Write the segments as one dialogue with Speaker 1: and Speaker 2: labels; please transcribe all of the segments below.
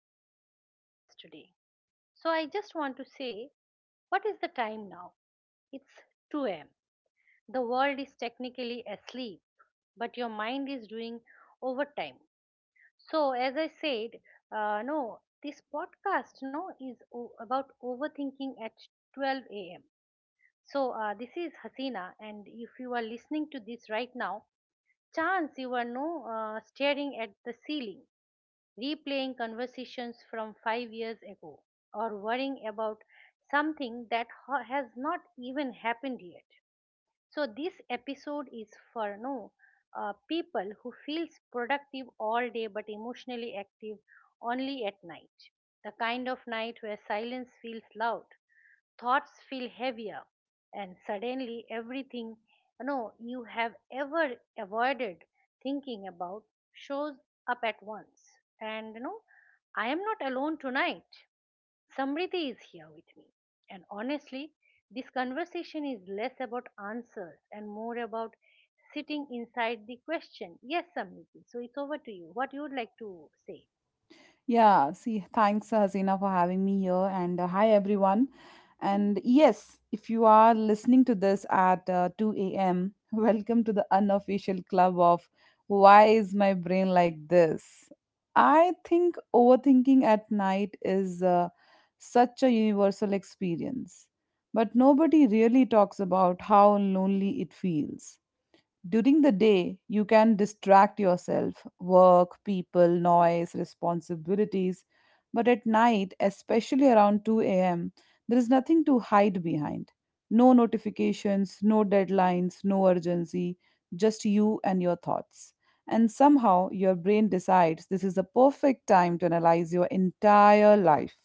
Speaker 1: welcome to our podcast today. So, I just want to say, what is the time now? It's 2 am. The world is technically asleep, but your mind is doing overtime. So, as I said, no, this podcast no is about overthinking at 12 am. So, this is Hasina, and if you are listening to this right now, chance you are no staring at the ceiling, replaying conversations from 5 years ago, or worrying about something that has not even happened yet. So this episode is for no people who feels productive all day but emotionally active only at night. The kind of night where silence feels loud, thoughts feel heavier, and suddenly everything you know you have ever avoided thinking about shows up at once. And you know, I am not alone tonight. Samriti is here with me. And honestly, this conversation is less about answers and more about sitting inside the question. Yes, Samriti. So it's over to you. What you would like to say?
Speaker 2: Yeah, see, thanks, Hasina, for having me here. And hi, everyone. And yes, if you are listening to this at 2 a.m., welcome to the unofficial club of Why is My Brain Like This? I think overthinking at night is such a universal experience, but nobody really talks about how lonely it feels. During the day, you can distract yourself, work, people, noise, responsibilities. But at night, especially around 2 a.m., there is nothing to hide behind. No notifications, no deadlines, no urgency, just you and your thoughts. And somehow your brain decides this is the perfect time to analyze your entire life,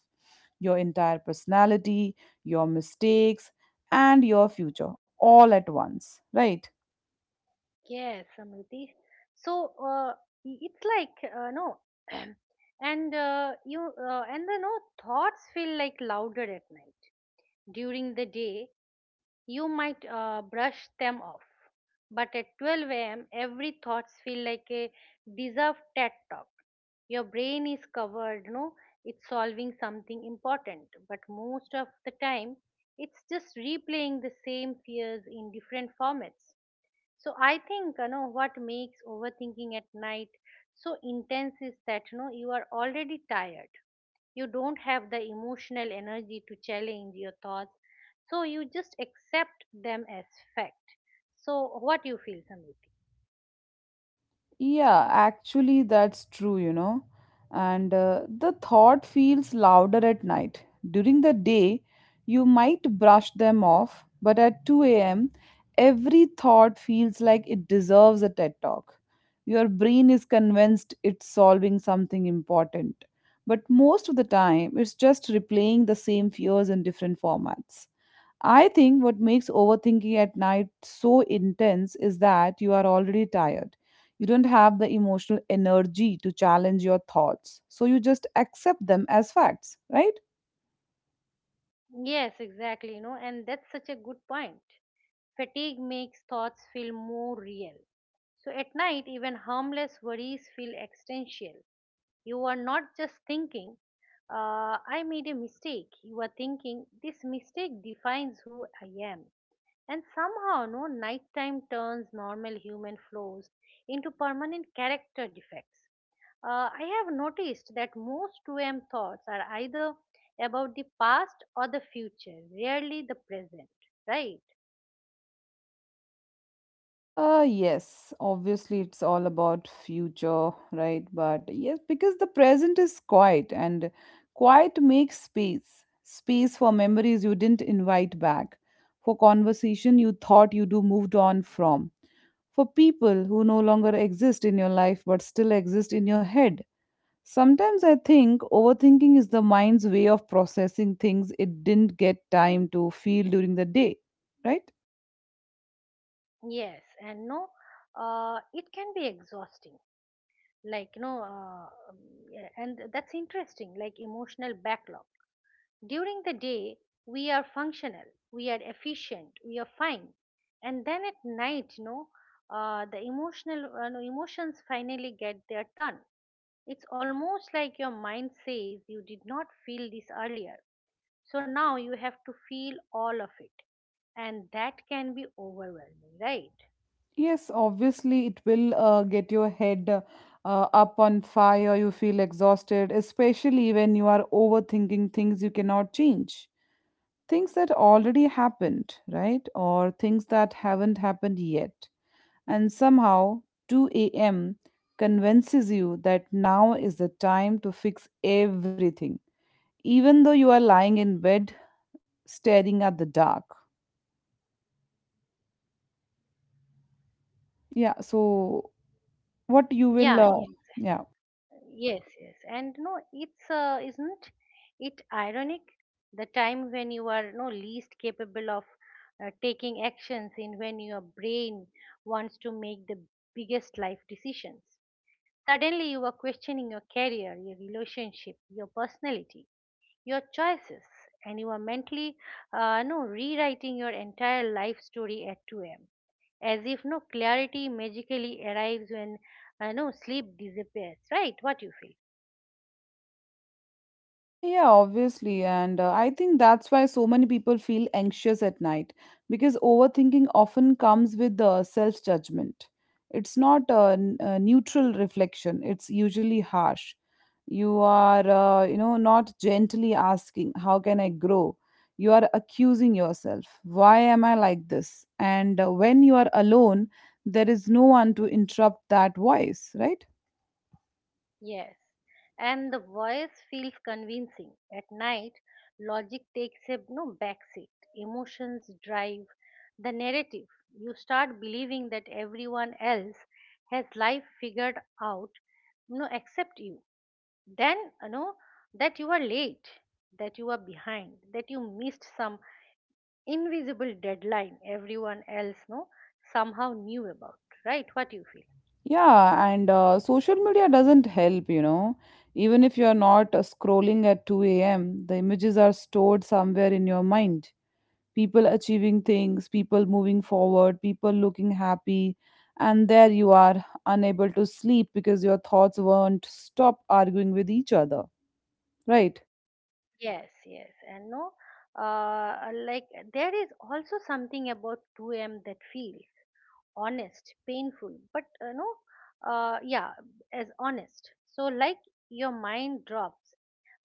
Speaker 2: your entire personality, your mistakes, and your future all at once, right?
Speaker 1: Yes, Samriti. So it's like no, and you and the no thoughts feel like louder at night. During the day, you might brush them off, but at 12 a.m., every thoughts feel like a deserved TED talk. Your brain is covered, no, it's solving something important, but most of the time, it's just replaying the same fears in different formats. So I think you know what makes overthinking at night so intense is that you know you are already tired. You don't have the emotional energy to challenge your thoughts, so you just accept them as fact. So what you feel, Samriti?
Speaker 2: Yeah, actually, that's true, you know. And the thought feels louder at night. During the day, you might brush them off, but at 2 a.m., every thought feels like it deserves a TED talk. Your brain is convinced it's solving something important, but most of the time, it's just replaying the same fears in different formats. I think what makes overthinking at night so intense is that you are already tired. You don't have the emotional energy to challenge your thoughts, so you just accept them as facts, right?
Speaker 1: Yes, exactly, you know, and that's such a good point. Fatigue makes thoughts feel more real, so at night even harmless worries feel existential. You are not just thinking, I made a mistake. You are thinking, this mistake defines who I am. And somehow, no, nighttime turns normal human flaws into permanent character defects. I have noticed that most 2 a.m. thoughts are either about the past or the future, rarely the present, right?
Speaker 2: Yes, obviously it's all about future, right? But yes, because the present is quiet and quiet makes space. Space for memories you didn't invite back, for conversation you thought you do moved on from for people who no longer exist in your life but still exist in your head. Sometimes I think overthinking is the mind's way of processing things it didn't get time to feel during the day, right?
Speaker 1: Yes, and no, it can be exhausting. Like you know yeah, and that's interesting, like emotional backlog. During the day we are functional, we are efficient, we are fine. And then at night, you know, the emotional no, emotions finally get their turn. It's almost like your mind says you did not feel this earlier, so now you have to feel all of it. And that can be overwhelming, right?
Speaker 2: Yes, obviously, it will get your head up on fire. You feel exhausted, especially when you are overthinking things you cannot change. Things that already happened, right? Or things that haven't happened yet. And somehow 2 a.m. convinces you that now is the time to fix everything, even though you are lying in bed staring at the dark. Yeah, so what you will,
Speaker 1: Yeah.
Speaker 2: yeah.
Speaker 1: Yes, yes, and no, it's isn't it ironic, the time when you are no least capable of taking actions in when your brain wants to make the biggest life decisions. Suddenly, you are questioning your career, your relationship, your personality, your choices, and you are mentally no rewriting your entire life story at 2 a.m. As if no clarity magically arrives when no sleep disappears. Right? What you feel?
Speaker 2: Yeah, obviously. And I think that's why so many people feel anxious at night because overthinking often comes with the self judgment. It's not a neutral reflection, it's usually harsh. You are, you know, not gently asking, how can I grow? You are accusing yourself. Why am I like this? And when you are alone, there is no one to interrupt that voice, right?
Speaker 1: Yes, and the voice feels convincing. At night, logic takes a no backseat. Emotions drive the narrative. You start believing that everyone else has life figured out, no, except you. Then, you know, that you are late, that you are behind, that you missed some invisible deadline everyone else, no, somehow knew about. Right? What do you feel?
Speaker 2: Yeah, and social media doesn't help, you know. Even if you're not scrolling at 2 a.m., the images are stored somewhere in your mind. People achieving things, people moving forward, people looking happy, and there you are, unable to sleep because your thoughts won't stop arguing with each other, right?
Speaker 1: Yes, yes, and no, uh, like there is also something about 2 a.m. that feels honest, painful, but no, yeah, as honest. So, like your mind drops,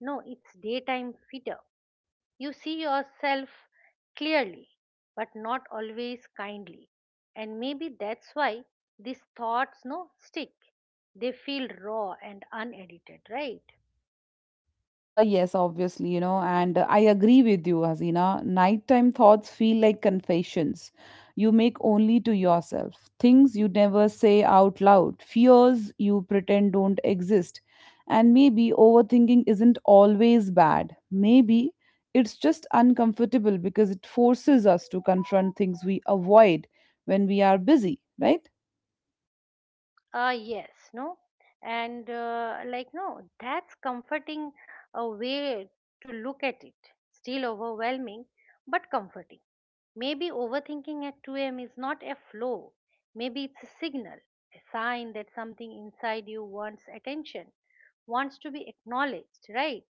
Speaker 1: no, it's daytime fitter. You see yourself clearly, but not always kindly, and maybe that's why these thoughts no stick. They feel raw and unedited, right?
Speaker 2: Yes, obviously, you know, and I agree with you, Hazina. Nighttime thoughts feel like confessions you make only to yourself, things you never say out loud, fears you pretend don't exist. And maybe overthinking isn't always bad. Maybe it's just uncomfortable because it forces us to confront things we avoid when we are busy, right?
Speaker 1: Yes, no, and like no, that's comforting a way to look at it. Still overwhelming, but comforting. Maybe overthinking at 2 a.m. is not a flaw. Maybe it's a signal, a sign that something inside you wants attention, wants to be acknowledged, right?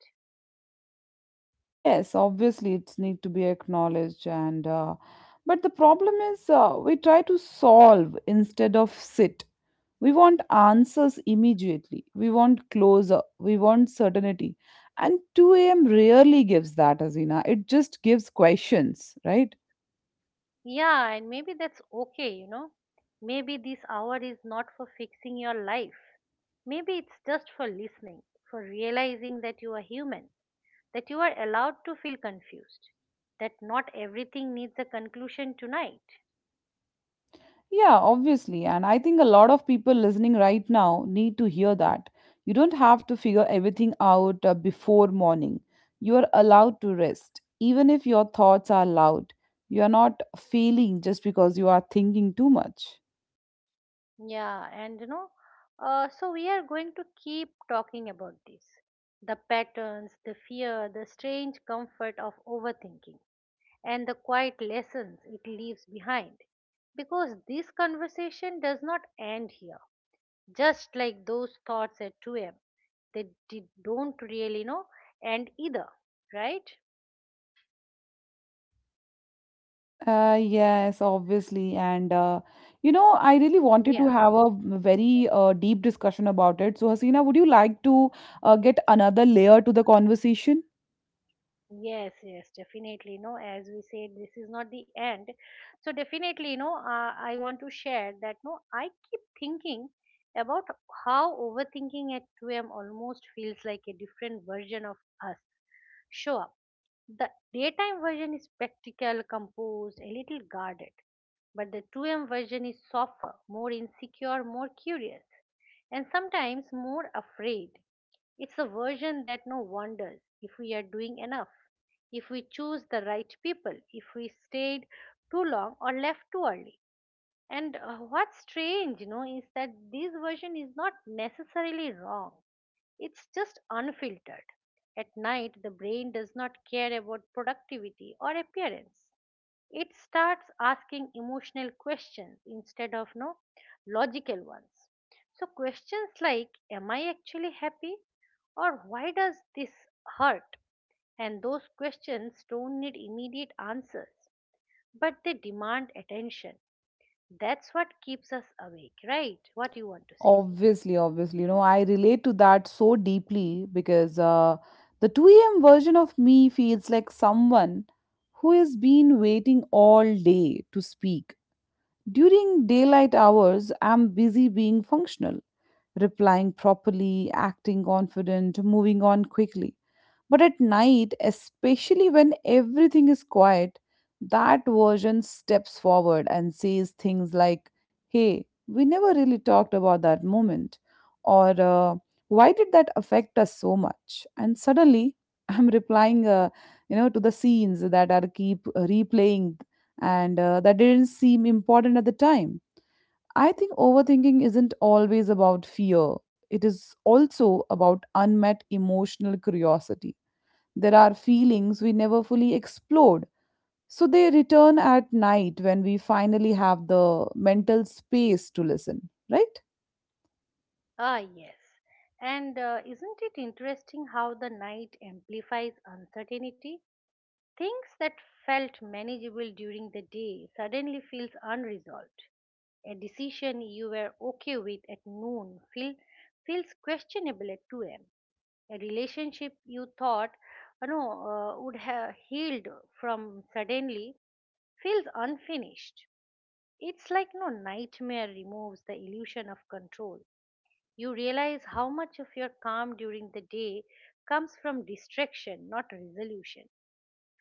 Speaker 2: Yes, obviously it's need to be acknowledged and but the problem is we try to solve instead of sit. We want answers immediately. We want closure. We want certainty. And 2 a.m. rarely gives that, Azina. It just gives questions, right?
Speaker 1: Yeah, and maybe that's okay, you know. Maybe this hour is not for fixing your life. Maybe it's just for listening, for realizing that you are human, that you are allowed to feel confused, that not everything needs a conclusion tonight.
Speaker 2: Yeah, obviously. And I think a lot of people listening right now need to hear that. You don't have to figure everything out before morning. You are allowed to rest, even if your thoughts are loud. You are not failing just because you are thinking too much.
Speaker 1: Yeah, and you know, so we are going to keep talking about this, the patterns, the fear, the strange comfort of overthinking, and the quiet lessons it leaves behind. Because this conversation does not end here, just like those thoughts at 2 am. They did, don't really know, and either, right?
Speaker 2: Yes, obviously. And, you know, I really wanted to
Speaker 1: Yeah.
Speaker 2: have a very deep discussion about it. So, Hasina, would you like to get another layer to the conversation?
Speaker 1: Yes, yes, definitely. No, as we said, this is not the end. So definitely, no, I want to share that. No, I keep thinking about how overthinking at 2 a.m. almost feels like a different version of us show up. The daytime version is practical, composed, a little guarded, but the 2 a.m. version is softer, more insecure, more curious, and sometimes more afraid. It's a version that no wonders if we are doing enough, if we choose the right people, if we stayed too long or left too early. And what's strange, you know, is that this version is not necessarily wrong. It's just unfiltered. At night, the brain does not care about productivity or appearance. It starts asking emotional questions instead of no logical ones. So questions like, am I actually happy, or why does this hurt? And those questions don't need immediate answers, but they demand attention. That's what keeps us awake, right? What you want to say?
Speaker 2: Obviously, obviously. You know, I relate to that so deeply because the 2 a.m. version of me feels like someone who has been waiting all day to speak. During daylight hours, I'm busy being functional replying properly, acting confident, moving on quickly. But at night, especially when everything is quiet, that version steps forward and says things like, hey, we never really talked about that moment, or why did that affect us so much? And suddenly, I'm replying, you know, to the scenes that are keep replaying and that didn't seem important at the time. I think overthinking isn't always about fear. It is also about unmet emotional curiosity. There are feelings we never fully explored, so they return at night when we finally have the mental space to listen, right?
Speaker 1: Ah, yes. And isn't it interesting how the night amplifies uncertainty? Things that felt manageable during the day suddenly feels unresolved. A decision you were okay with at noon feels questionable at 2 a.m. A relationship you thought you know would have healed from suddenly feels unfinished. It's like no nightmare removes the illusion of control. You realize how much of your calm during the day comes from distraction, not resolution.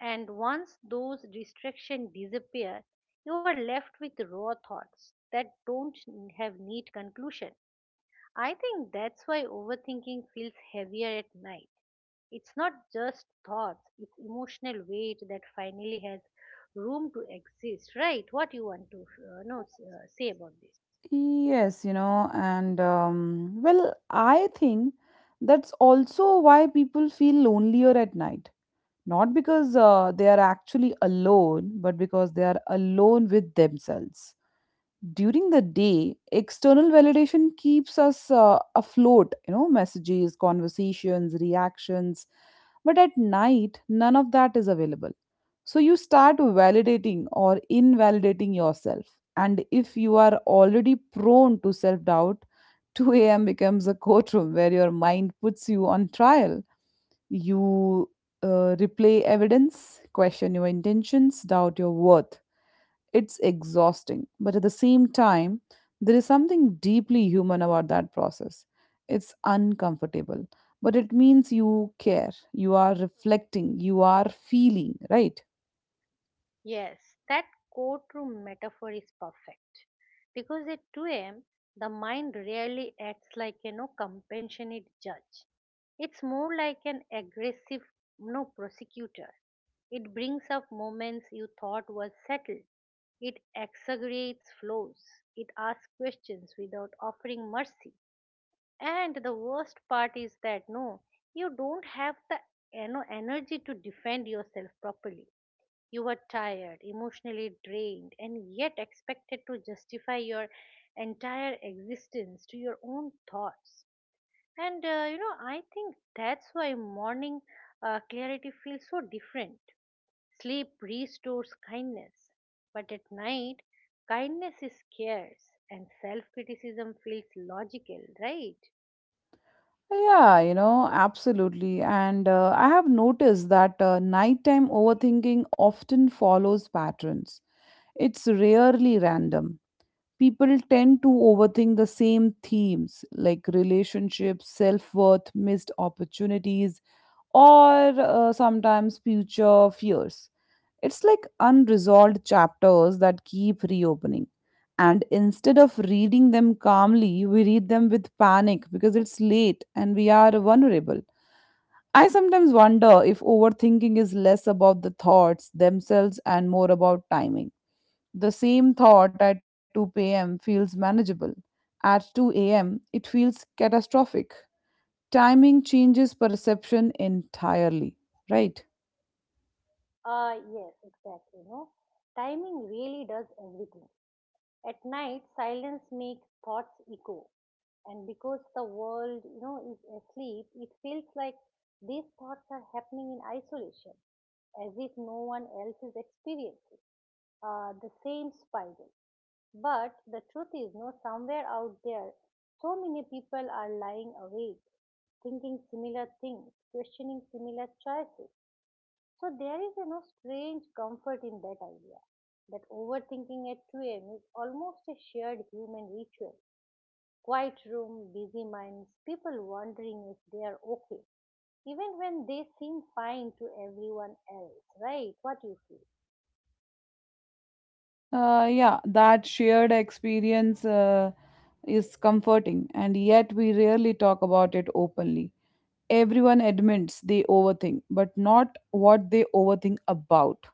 Speaker 1: And once those distractions disappear, you are left with raw thoughts that don't have neat conclusion. I think that's why overthinking feels heavier at night. It's not just thoughts, it's emotional weight that finally has room to exist, right? What you want to know, say about this?
Speaker 2: Yes, you know, and well, I think that's also why people feel lonelier at night. Not because they are actually alone, but because they are alone with themselves. During the day, external validation keeps us afloat, you know, messages, conversations, reactions. But at night, none of that is available. So you start validating or invalidating yourself. And if you are already prone to self doubt, 2 a.m. becomes a courtroom where your mind puts you on trial. You replay evidence, question your intentions, doubt your worth. It's exhausting, but at the same time, there is something deeply human about that process. It's uncomfortable, but it means you care, you are reflecting, you are feeling, right?
Speaker 1: Yes, that courtroom metaphor is perfect because at 2 a.m. the mind rarely acts like a no compassionate judge. It's more like an aggressive no prosecutor. It brings up moments you thought was settled. It exaggerates flaws. It asks questions without offering mercy. And the worst part is that no, you don't have the, you know, energy to defend yourself properly. You were tired, emotionally drained, and yet expected to justify your entire existence to your own thoughts. And you know, I think that's why morning clarity feels so different. Sleep restores kindness, but at night, kindness is scarce and self criticism feels logical, right?
Speaker 2: Yeah, you know, absolutely. And I have noticed that nighttime overthinking often follows patterns. It's rarely random. People tend to overthink the same themes like relationships, self worth, missed opportunities, or sometimes future fears. It's like unresolved chapters that keep reopening. And instead of reading them calmly, we read them with panic because it's late and we are vulnerable. I sometimes wonder if overthinking is less about the thoughts themselves and more about timing the same thought at 2 p.m. feels manageable. At 2 a.m., it feels catastrophic. Timing changes perception entirely, right?
Speaker 1: Yes, exactly. No, timing really does everything. At night, silence makes thoughts echo. And because the world, you know, is asleep, it feels like these thoughts are happening in isolation, as if no one else is experiencing the same spiral. But the truth is, no, somewhere out there, so many people are lying awake, thinking similar things, questioning similar choices. So there is a no strange comfort in that idea that overthinking at 2 a.m. is almost a shared human ritual. Quiet room, busy minds, people wondering if they are okay, even when they seem fine to everyone else, right? What you feel?
Speaker 2: Yeah, that shared experience is comforting, and yet we rarely talk about it openly. Everyone admits they overthink, but not what they overthink about.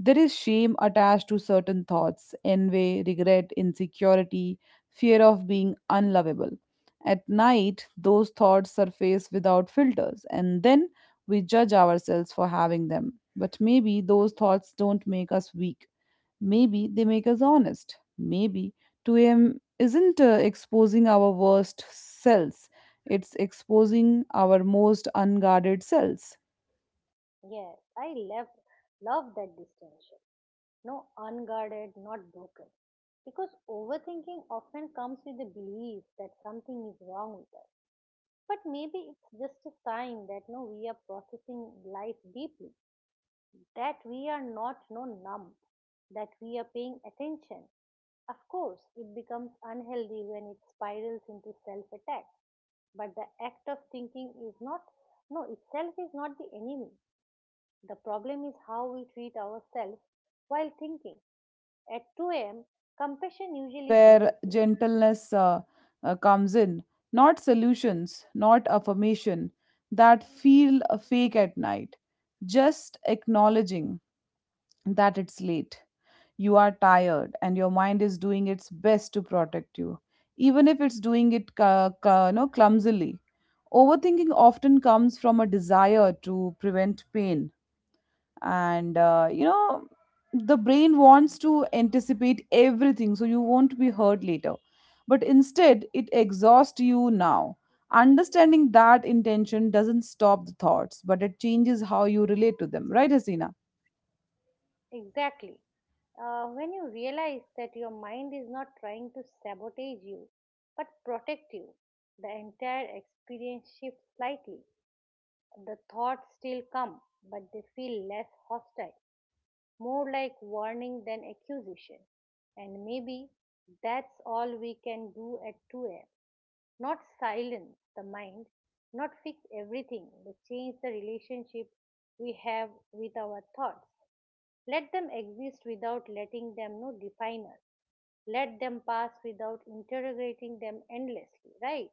Speaker 2: There is shame attached to certain thoughts envy, regret, insecurity, fear of being unlovable. At night, those thoughts surface without filters, and then we judge ourselves for having them. But maybe those thoughts don't make us weak. Maybe they make us honest. Maybe 2 a.m. isn't exposing our worst selves, it's exposing our most unguarded selves.
Speaker 1: Yes, I love, love that distinction. No unguarded, not broken. Because overthinking often comes with the belief that something is wrong with us. But maybe it's just a sign that no, we are processing life deeply, that we are not no numb, that we are paying attention. Of course, it becomes unhealthy when it spirals into self-attack. But the act of thinking is not no itself is not the enemy. The problem is how we treat
Speaker 2: Yeah,
Speaker 1: ourselves
Speaker 2: obviously.
Speaker 1: while
Speaker 2: And.
Speaker 1: thinking.
Speaker 2: um
Speaker 1: At 2
Speaker 2: maybe
Speaker 1: a.m.,
Speaker 2: that's
Speaker 1: compassion usually
Speaker 2: where
Speaker 1: disappears.
Speaker 2: gentleness comes in, not solutions, not affirmation that feel fake at night, just acknowledging that it's late, you are tired and your mind is doing its best to protect you, even if it's doing it you know, clumsily. Overthinking often comes from a desire to prevent pain, and you know, the brain wants to anticipate everything so you won't be hurt later, but instead it exhausts you now. Understanding that intention doesn't stop the thoughts, but it changes how you relate to them, right, Hasina?
Speaker 1: Exactly. When you realize that your mind is not trying to sabotage you but protect you, the entire experience shifts slightly. The thoughts still come, but they feel less hostile, more like warning than accusation. And maybe that's all we can do at 2am. Not silence the mind, not fix everything, but change the relationship we have with our thoughts. Let them exist without letting them know define us. Let them pass without interrogating them endlessly, right?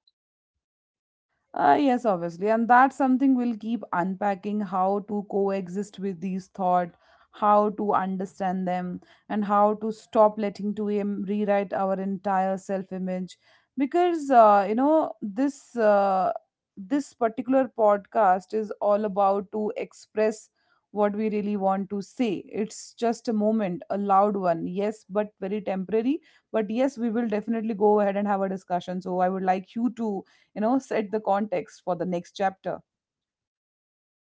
Speaker 2: Yes, obviously. And that's something we'll keep unpacking, how to coexist with these thought, how to understand them, and how to stop letting rewrite our entire self-image. Because you know, this particular podcast is all about to express what we really want to say. It's just a moment, a loud one, yes, but very temporary. But yes, we will definitely go ahead and have a discussion. So I would like you to, you know, set the context for the next chapter.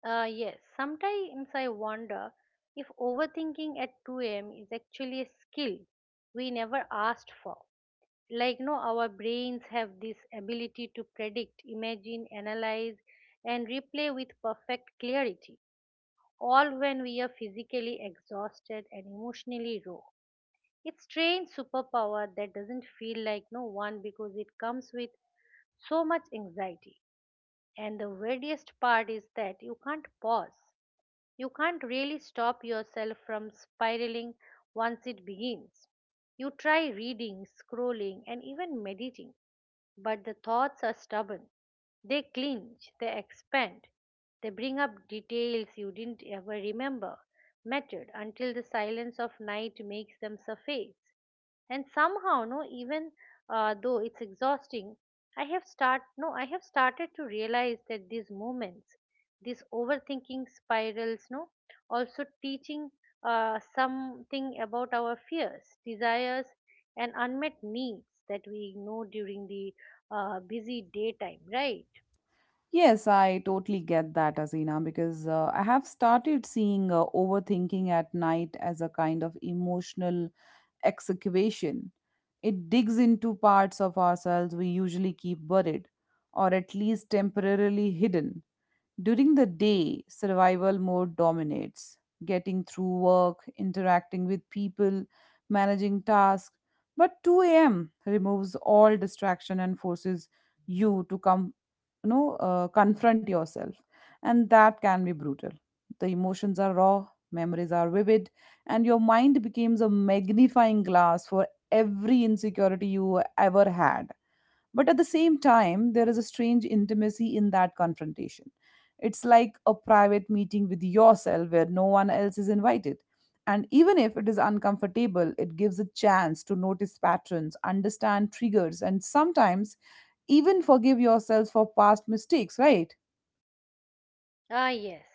Speaker 1: Yes, sometimes I wonder if overthinking at 2 a.m. is actually a skill we never asked for. Like, no, our brains have this ability to predict, imagine, analyze, and replay with perfect clarity, all when we are physically exhausted and emotionally raw. It's strange superpower that doesn't feel like no one because it comes with so much anxiety. And the weirdest part is that you can't pause. You can't really stop yourself from spiraling once it begins. You try reading, scrolling, and even meditating, but the thoughts are stubborn. They clinch, they expand, they bring up details you didn't ever remember mattered until the silence of night makes them surface. And somehow, no, even though it's exhausting, I have start no, I have started to realize that these moments, these overthinking spirals, no, also teaching something about our fears, desires, and unmet needs that we ignore during the busy daytime, right?
Speaker 2: Yes, I totally get that, Azina, because I have started seeing overthinking at night as a kind of emotional excavation. It digs into parts of ourselves we usually keep buried, or at least temporarily hidden. During the day, survival mode dominates, getting through work, interacting with people, managing tasks. But 2 a.m. removes all distraction and forces you to you know, confront yourself. And that can be brutal. The emotions are raw, memories are vivid, and your mind becomes a magnifying glass for every insecurity you ever had, but at the same time, there is a strange intimacy in that confrontation. It's like a private meeting with yourself where no one else is invited. And even if it is uncomfortable, it gives a chance to notice patterns, understand triggers, and sometimes even forgive yourself for past mistakes, right?
Speaker 1: Ah, yes.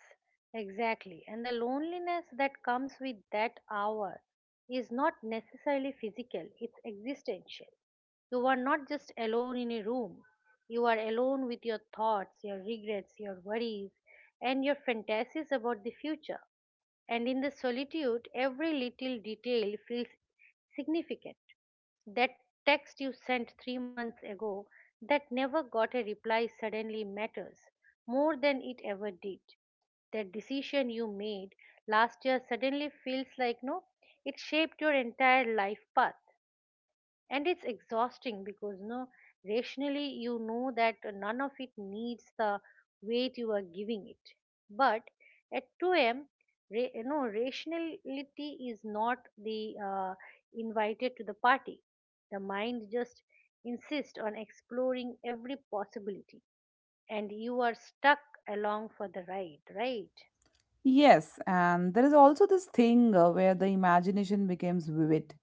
Speaker 1: Exactly. And the loneliness that comes with that hour is not necessarily physical, it's existential. You are not just alone in a room, you are alone with your thoughts, your regrets, your worries, and your fantasies about the future. And in the solitude, every little detail feels significant. That text you sent three months ago that never got a reply suddenly matters more than it ever did. That decision you made last year suddenly feels like no, it shaped your entire life path, and it's exhausting because no, rationally you know that none of it needs the weight you are giving it. But at 2 a.m., rationality is not the invited to the party. The mind just insists on exploring every possibility, and you are stuck along for the ride, right?
Speaker 2: Yes, and there is also this thing where the imagination becomes vivid.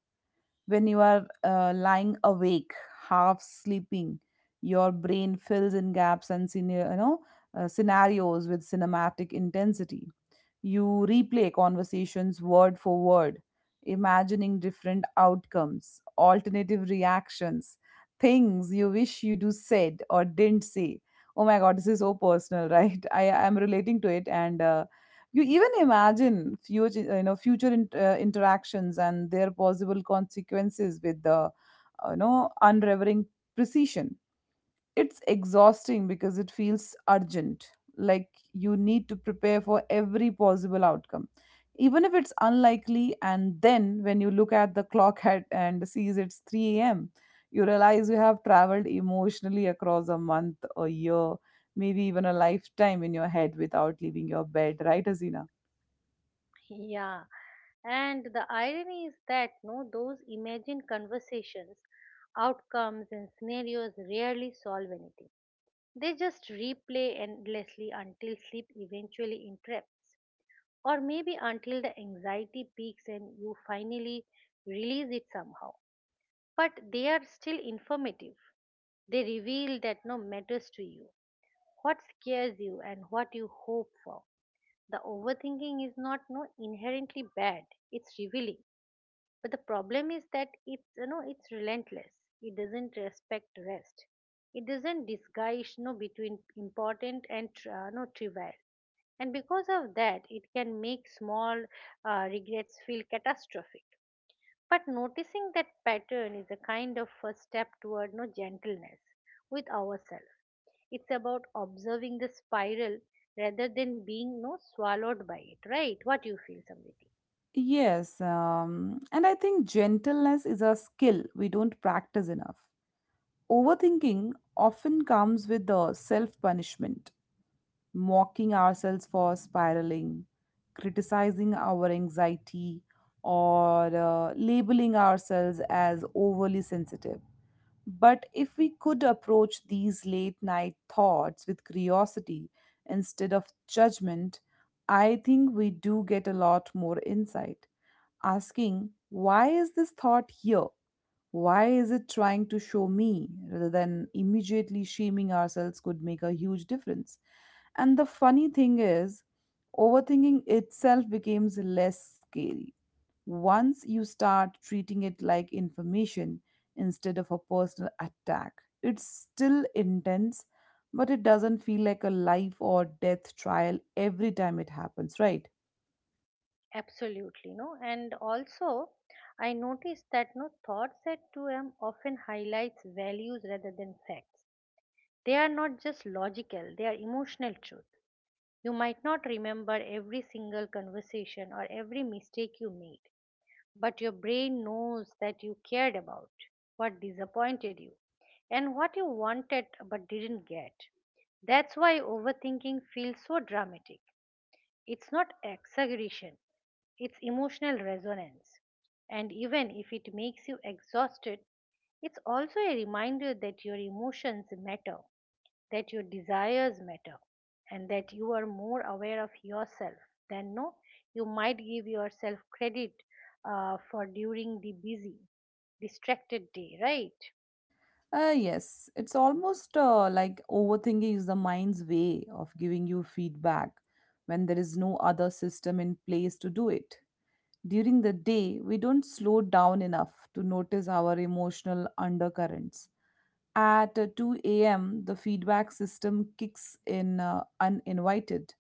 Speaker 2: When you are lying awake, half sleeping, your brain fills in gaps and you know, scenarios with cinematic intensity. You replay conversations word for word, imagining different outcomes, alternative reactions, things you wish you do said or didn't say. Oh my god, this is so personal, right? I am relating to it, and you even imagine future, you know, future in, interactions and their possible consequences with the unrevering precision. It's exhausting because it feels urgent, like you need to prepare for every possible outcome, even if it's unlikely. And then when you look at the clock at, and sees it's 3 a.m., you realize you have traveled emotionally across a month, a year, maybe even a lifetime in your head without leaving your bed, right, Azina?
Speaker 1: Yeah. And the irony is that no, those imagined conversations, outcomes, and scenarios rarely solve anything. They just replay endlessly until sleep eventually interrupts, or maybe until the anxiety peaks and you finally release it somehow. But they are still informative. They reveal that no matters to you, what scares you, and what you hope for. The overthinking is not no inherently bad. It's revealing, but the problem is that it's you know it's relentless. It doesn't respect rest. It doesn't disguise between important and no trivial. And because of that, it can make small regrets feel catastrophic. But noticing that pattern is a kind of first step toward no gentleness with ourselves. It's about observing the spiral rather than being no swallowed by it, right? What you feel, Samriti?
Speaker 2: Yes, and I think gentleness is a skill we don't practice enough. Overthinking often comes with the self punishment, mocking ourselves for spiraling, criticizing our anxiety, or labeling ourselves as overly sensitive. But if we could approach these late night thoughts with curiosity instead of judgment, I think we do get a lot more insight. Asking, why is this thought here? Why is it trying to show me rather than immediately shaming ourselves could make a huge difference? And the funny thing is, overthinking itself becomes less scary once you start treating it like information instead of a personal attack. It's still intense, but it doesn't feel like a life or death trial every time it happens, right?
Speaker 1: Absolutely, no. And also, I noticed that no thoughts at 2M often highlights values rather than facts. They are not just logical, they are emotional truth. You might not remember every single conversation or every mistake you made, but your brain knows that you cared about what disappointed you and what you wanted but didn't get. That's why overthinking feels so dramatic. It's not exaggeration, it's emotional resonance. And even if it makes you exhausted, it's also a reminder that your emotions matter, that your desires matter, and that you are more aware of yourself than no you might give yourself credit for during the busy, distracted day, right?
Speaker 2: Yes, it's almost like overthinking is the mind's way of giving you feedback when there is no other system in place to do it. During the day, we don't slow down enough to notice our emotional undercurrents. At 2 a.m., the feedback system kicks in uninvited.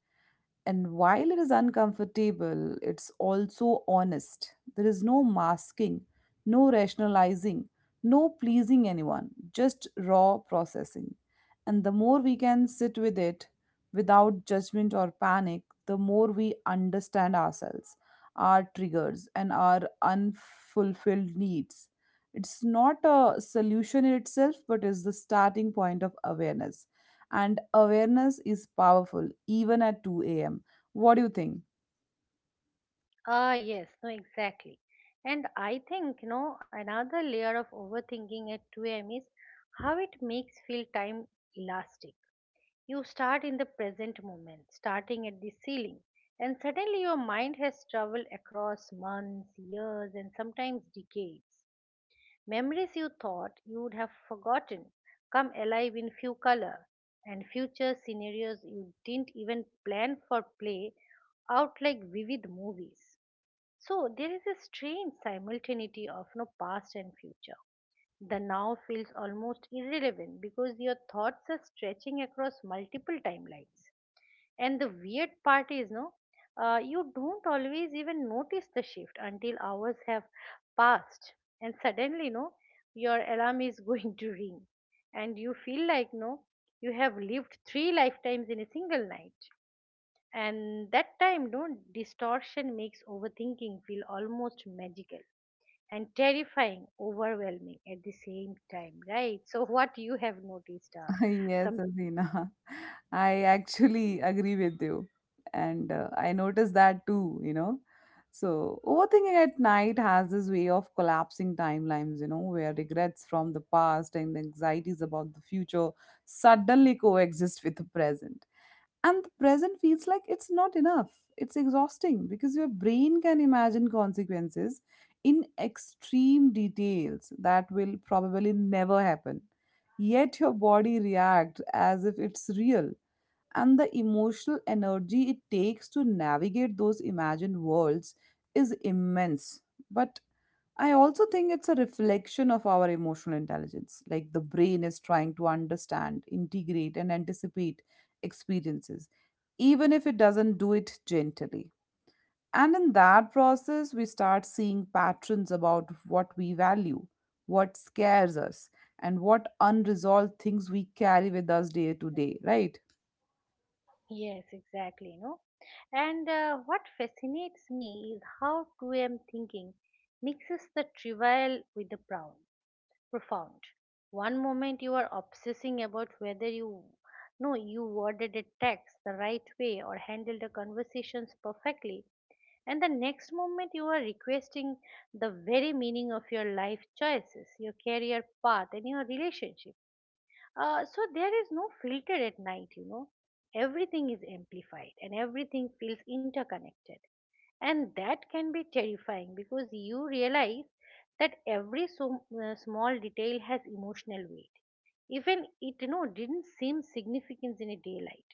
Speaker 2: And while it is uncomfortable, it's also honest. There is no masking, no rationalizing, no pleasing anyone, just raw processing. And the more we can sit with it without judgment or panic, the more we understand ourselves, our triggers, and our unfulfilled needs. It's not a solution in itself, but is the starting point of awareness, and awareness is powerful even at 2 a.m. What do you think?
Speaker 1: Ah, yes, no, exactly. And I think, you know, another layer of overthinking at 2 a.m. is how it makes feel time lasting. You start in the present moment, starting at the ceiling, and suddenly your mind has traveled across months, years, and sometimes decades. Memories you thought you would have forgotten come alive in few color, and future scenarios you didn't even plan for play out like vivid movies. So there is a strange simultaneity of no past and future. The now feels almost irrelevant because your thoughts are stretching across multiple timelines. And the weird part is, no, you don't always even notice the shift until hours have passed, and suddenly, no, your alarm is going to ring, and you feel like, no, you have lived three lifetimes in a single night. And that time, no, distortion makes overthinking feel almost magical and terrifying, overwhelming at the same time, right? So, what you have noticed,
Speaker 2: Yes,
Speaker 1: some
Speaker 2: Asina. I actually agree with you. And I noticed that too, you know. So, overthinking at night has this way of collapsing timelines, you know, where regrets from the past and anxieties about the future suddenly coexist with the present. And the present feels like it's not enough. It's exhausting because your brain can imagine consequences in extreme details that will probably never happen. Yet your body reacts as if it's real. And the emotional energy it takes to navigate those imagined worlds is immense. But I also think it's a reflection of our emotional intelligence. Like the brain is trying to understand, integrate, and anticipate experiences, even if it doesn't do it gently. And in that process, we start seeing patterns about what we value, what scares us, and what unresolved things we carry with us day to day, right?
Speaker 1: Yes, exactly, you know. And what fascinates me is how 2M thinking mixes the trivial with the profound. Profound. One moment you are obsessing about whether you no you worded a text the right way or handled the conversations perfectly, and the next moment you are requesting the very meaning of your life choices, your career path, and your relationship. So there is no filter at night, you know. Everything is amplified and everything feels interconnected. And that can be terrifying because you realize that every so, small detail has emotional weight. Even it didn't seem significant in a daylight.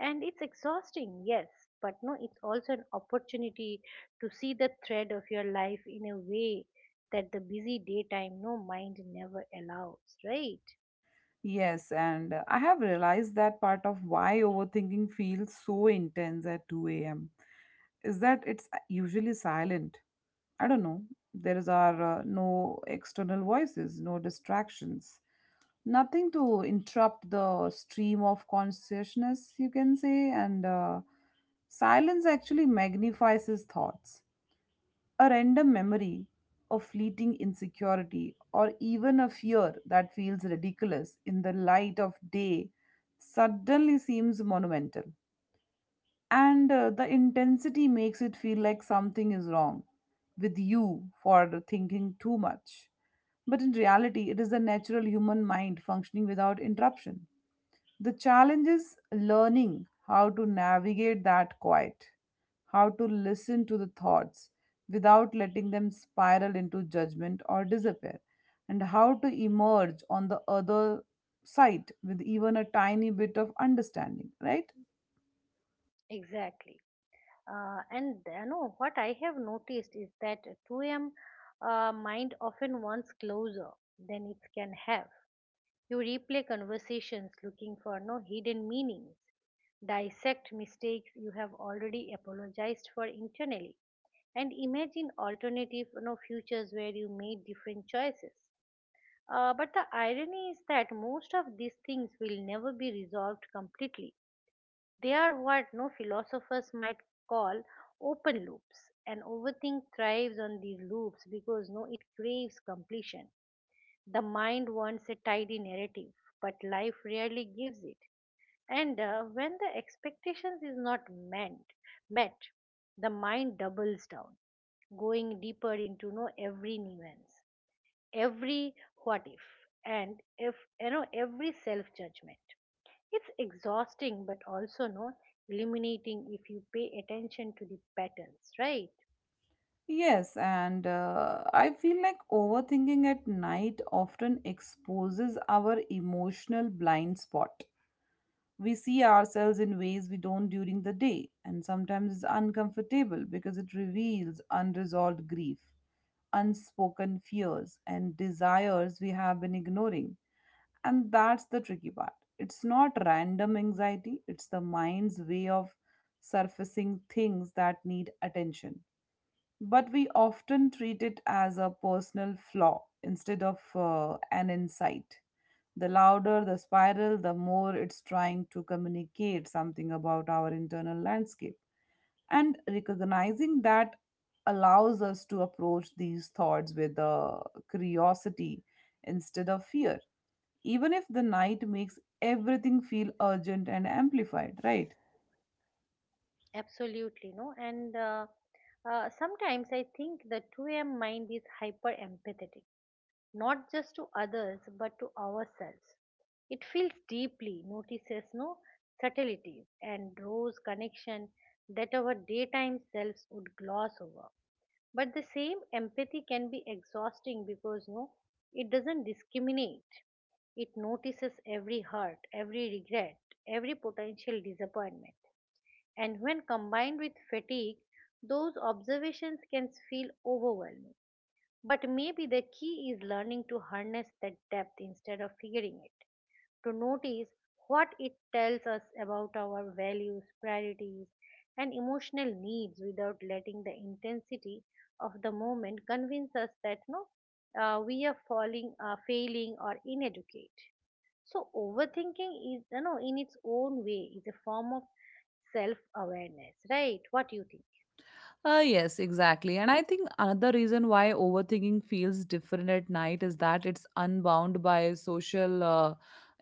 Speaker 1: And it's exhausting, yes, but no, it's also an opportunity to see the thread of your life in a way that the busy daytime no mind never allows, right?
Speaker 2: Yes, and I have realized that part of why overthinking feels so intense at 2 a.m. is that it's usually silent. I don't know. There is are no external voices, no distractions, nothing to interrupt the stream of consciousness, you can say, and silence actually magnifies his thoughts. A random memory of fleeting insecurity or even a fear that feels ridiculous in the light of day suddenly seems monumental. And the intensity makes it feel like something is wrong with you for thinking too much. But in reality, it is the natural human mind functioning without interruption. The challenge is learning how to navigate that quiet, how to listen to the thoughts without letting them spiral into judgment or disappear, and how to emerge on the other side with even a tiny bit of understanding, right?
Speaker 1: Exactly. And you know what I have noticed is that 2 a.m. Mind often wants closer than it can have. You replay conversations looking for no hidden meanings, dissect mistakes you have already apologized for internally, and imagine alternative futures where you made different choices. But the irony is that most of these things will never be resolved completely. They are what no philosophers might call open loops, and overthink thrives on these loops because no it craves completion. The mind wants a tidy narrative, but life rarely gives it. And when the expectations is not meant met, the mind doubles down, going deeper into know every nuance, every what if, and if you know every self judgment. It's exhausting but also no illuminating if you pay attention to the patterns, right?
Speaker 2: Yes, and I feel like overthinking at night often exposes our emotional blind spot. We see ourselves in ways we don't during the day, and sometimes it's uncomfortable because it reveals unresolved grief, unspoken fears, and desires we have been ignoring. And that's the tricky part. It's not random anxiety, it's the mind's way of surfacing things that need attention, but we often treat it as a personal flaw instead of an insight. The louder the spiral, the more it's trying to communicate something about our internal landscape. And recognizing that allows us to approach these thoughts with curiosity instead of fear, even if the night makes everything feel urgent and amplified, right?
Speaker 1: Absolutely, no. And Sometimes I think the 2 a.m. mind is hyper empathetic, not just to others but to ourselves. It feels deeply, notices no subtleties, and draws connection that our daytime selves would gloss over. But the same empathy can be exhausting because no it doesn't discriminate, it notices every hurt, every regret, every potential disappointment. And when combined with fatigue, those observations can feel overwhelming. But maybe the key is learning to harness that depth instead of fearing it, to notice what it tells us about our values, priorities, and emotional needs without letting the intensity of the moment convince us that no, we are falling, failing, or ineducate. So overthinking is, you know, in its own way, is a form of self-awareness, right? What do you think?
Speaker 2: Yes, exactly. And I think another reason why overthinking feels different at night is that it's unbound by social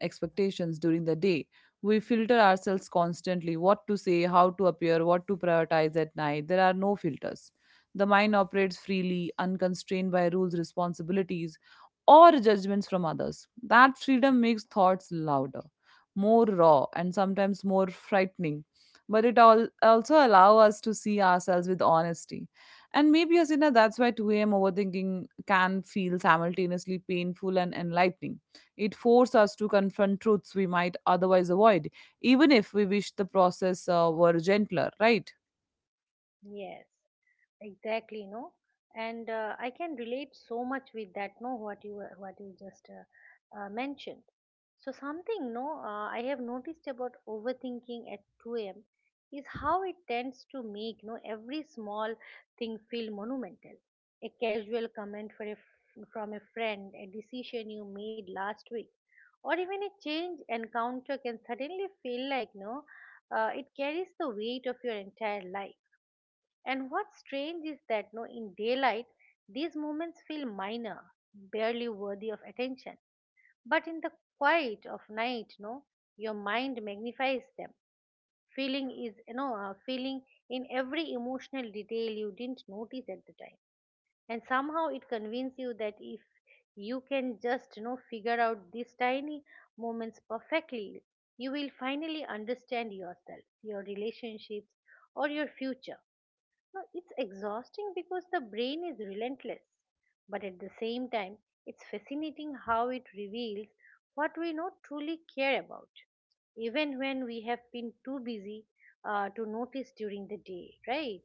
Speaker 2: expectations during the day. We filter ourselves constantly what to say, how to appear, what to prioritize at night. There are no filters. The mind operates freely, unconstrained by rules, responsibilities, or judgments from others. That freedom makes thoughts louder, more raw, and sometimes more frightening, but it all also allow us to see ourselves with honesty. And maybe, Asina, that's why 2 a.m. overthinking can feel simultaneously painful and enlightening. It forces us to confront truths we might otherwise avoid, even if we wish the process were gentler, right?
Speaker 1: Yes. Exactly, no, and I can relate so much with that. No, what you just mentioned. So something, no, I have noticed about overthinking at 2 a.m. is how it tends to make no every small thing feel monumental. A casual comment for a, from a friend, a decision you made last week, or even a change encounter can suddenly feel like no, it carries the weight of your entire life. And what's strange is that no, in daylight, these moments feel minor, barely worthy of attention. But in the quiet of night, no, your mind magnifies them. Feeling is, feeling in every emotional detail you didn't notice at the time. And somehow it convinces you that if you can just, you know, figure out these tiny moments perfectly, you will finally understand yourself, your relationships, or your future. No, it's exhausting because the brain is relentless, but at the same time, it's fascinating how it reveals what we not truly care about, even when we have been too busy to notice during the day, right?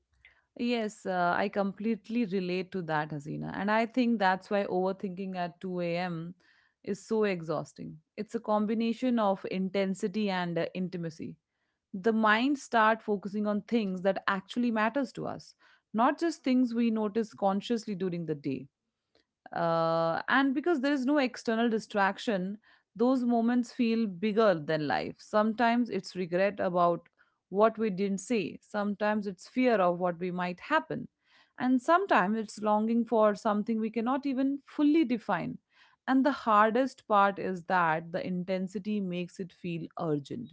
Speaker 2: Yes, I completely relate to that, Hasina. And I think that's why overthinking at 2 a.m. is so exhausting. It's a combination of intensity and intimacy. The mind start focusing on things that actually matters to us, not just things we notice consciously during the day. And because there is no external distraction, those moments feel bigger than life. Sometimes it's regret about what we didn't say, sometimes it's fear of what we might happen, and sometimes it's longing for something we cannot even fully define. And the hardest part is that the intensity makes it feel urgent,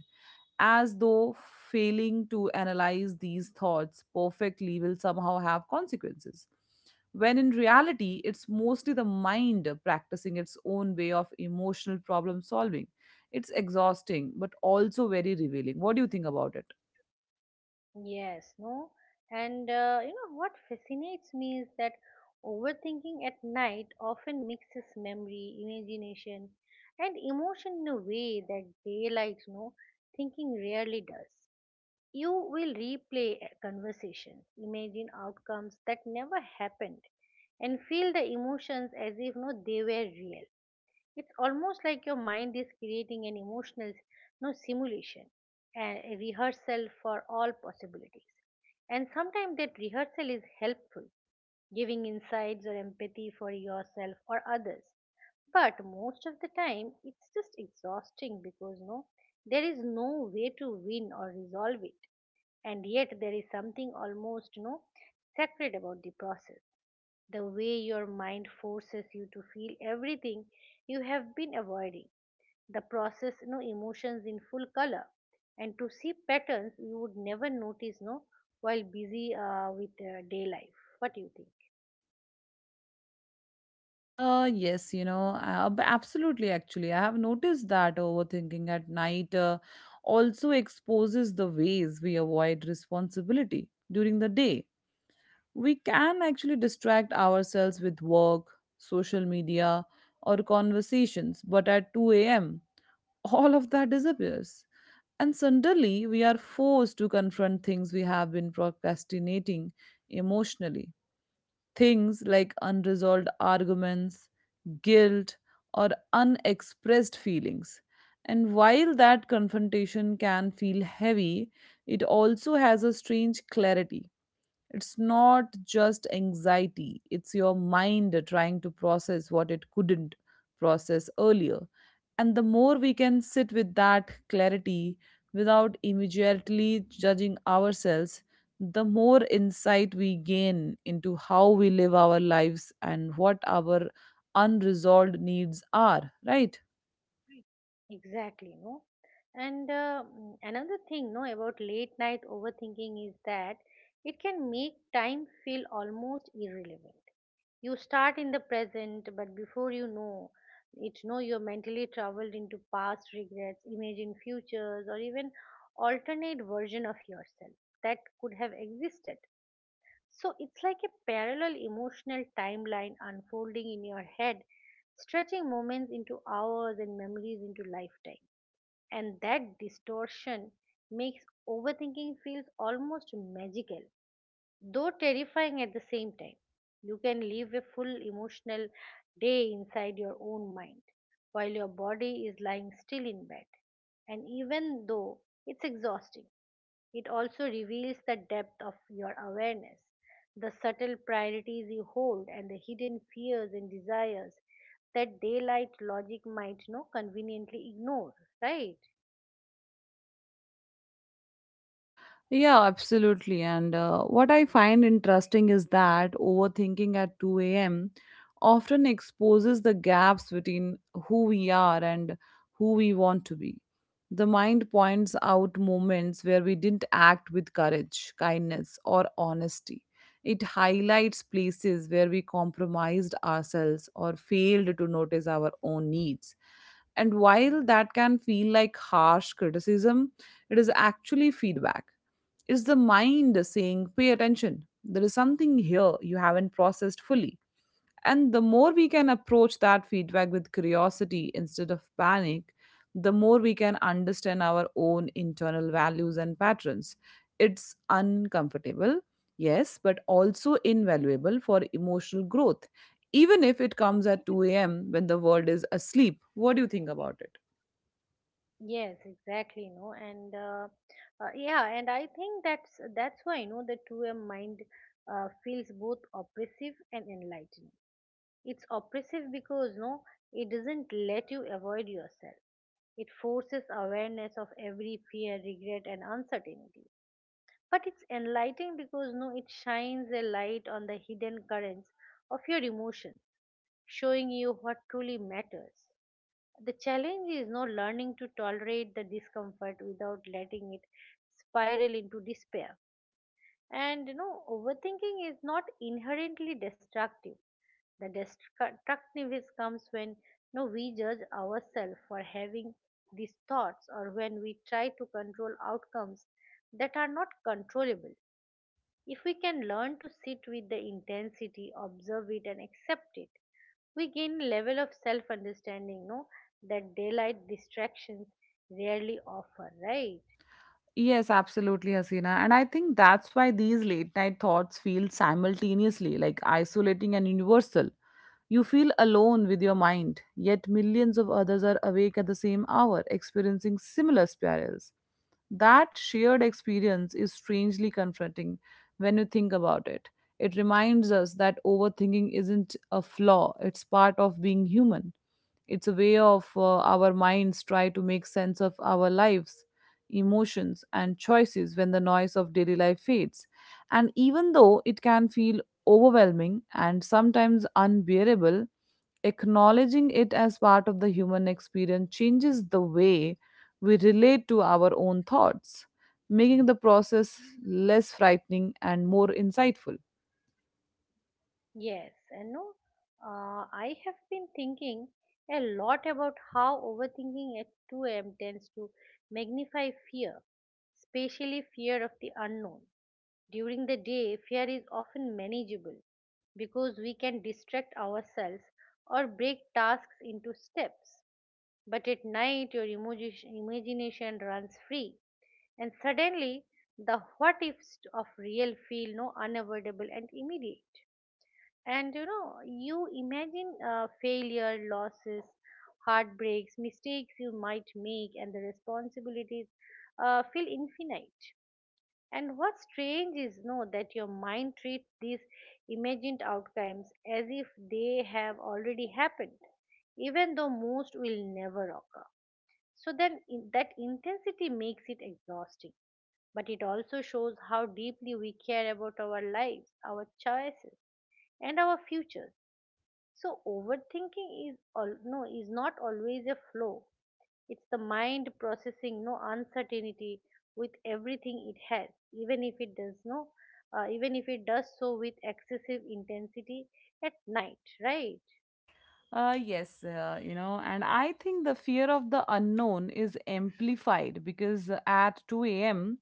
Speaker 2: as though failing to analyze these thoughts perfectly will somehow have consequences. When in reality, it's mostly the mind practicing its own way of emotional problem solving. It's exhausting, but also very revealing. What do you think about it?
Speaker 1: Yes, no. And you know what fascinates me is that overthinking at night often mixes memory, imagination, and emotion in a way that daylight, no, thinking rarely does. You will replay conversations, imagine outcomes that never happened, and feel the emotions as if no they were real. It's almost like your mind is creating an emotional no simulation, a rehearsal for all possibilities. And sometimes that rehearsal is helpful, giving insights or empathy for yourself or others. But most of the time, it's just exhausting because no, there is no way to win or resolve it. And yet there is something almost no sacred about the process, the way your mind forces you to feel everything you have been avoiding, the process no emotions in full color, and to see patterns you would never notice no while busy with day life. What do you think?
Speaker 2: Yes, you know, absolutely. Actually, I have noticed that overthinking at night also exposes the ways we avoid responsibility during the day. We can actually distract ourselves with work, social media, or conversations, but at 2 a.m., all of that disappears. And suddenly, we are forced to confront things we have been procrastinating emotionally. Things like unresolved arguments, guilt, or unexpressed feelings. And while that confrontation can feel heavy, it also has a strange clarity. It's not just anxiety, it's your mind trying to process what it couldn't process earlier. And the more we can sit with that clarity without immediately judging ourselves, the more insight we gain into how we live our lives and what our unresolved needs are, right?
Speaker 1: Exactly, no. Another thing no about late night overthinking is that it can make time feel almost irrelevant. You start in the present, but before you know it, know you're mentally traveled into past regrets, imagine futures, or even alternate version of yourself that could have existed. So it's like a parallel emotional timeline unfolding in your head, stretching moments into hours and memories into lifetime. And that distortion makes overthinking feels almost magical, though terrifying at the same time. You can live a full emotional day inside your own mind while your body is lying still in bed. And even though it's exhausting, it also reveals the depth of your awareness, the subtle priorities you hold, and the hidden fears and desires that daylight logic might no conveniently ignore, right?
Speaker 2: Yeah, absolutely. And what I find interesting is that overthinking at 2 a.m. often exposes the gaps between who we are and who we want to be. The mind points out moments where we didn't act with courage, kindness, or honesty. It highlights places where we compromised ourselves or failed to notice our own needs. And while that can feel like harsh criticism, it is actually feedback. Is the mind saying, pay attention. There is something here you haven't processed fully. And the more we can approach that feedback with curiosity instead of panic, the more we can understand our own internal values and patterns. It's uncomfortable, yes, but also invaluable for emotional growth, even if it comes at 2 a.m. when the world is asleep. What do you think about it?
Speaker 1: Yes, exactly. No, and yeah, and I think that's why the 2 a.m. mind feels both oppressive and enlightening. It's oppressive because no, it doesn't let you avoid yourself. It forces awareness of every fear, regret, and uncertainty. But it's enlightening because no, it shines a light on the hidden currents of your emotions, showing you what truly matters. The challenge is no learning to tolerate the discomfort without letting it spiral into despair. And overthinking is not inherently destructive. The destructiveness comes when no, we judge ourselves for having these thoughts or when we try to control outcomes that are not controllable. If we can learn to sit with the intensity, observe it, and accept it, we gain a level of self understanding no, that daylight distractions rarely offer, right?
Speaker 2: Yes, absolutely, Hasina. And I think that's why these late night thoughts feel simultaneously like isolating and universal. You feel alone with your mind, yet millions of others are awake at the same hour, experiencing similar spirals. That shared experience is strangely confronting when you think about it. It reminds us that overthinking isn't a flaw, it's part of being human. It's a way of our minds try to make sense of our lives, emotions, and choices when the noise of daily life fades. And even though it can feel overwhelming and sometimes unbearable, acknowledging it as part of the human experience changes the way we relate to our own thoughts, making the process less frightening and more insightful.
Speaker 1: Yes, and no, I have been thinking a lot about how overthinking at 2 a.m. tends to magnify fear, especially fear of the unknown. During the day, fear is often manageable because we can distract ourselves or break tasks into steps. But at night, your imagination runs free, and suddenly the what ifs of real feel no unavoidable and immediate. And you imagine failure, losses, heartbreaks, mistakes you might make, and the responsibilities feel infinite. And what's strange is know that your mind treats these imagined outcomes as if they have already happened, even though most will never occur. So then in, that intensity makes it exhausting, but it also shows how deeply we care about our lives, our choices, and our futures. So overthinking is all no is not always a flow. It's the mind processing no uncertainty with everything it has, even if it does no, even if it does so with excessive intensity at night, right?
Speaker 2: Yes, you know, and I think the fear of the unknown is amplified because at 2 a.m.,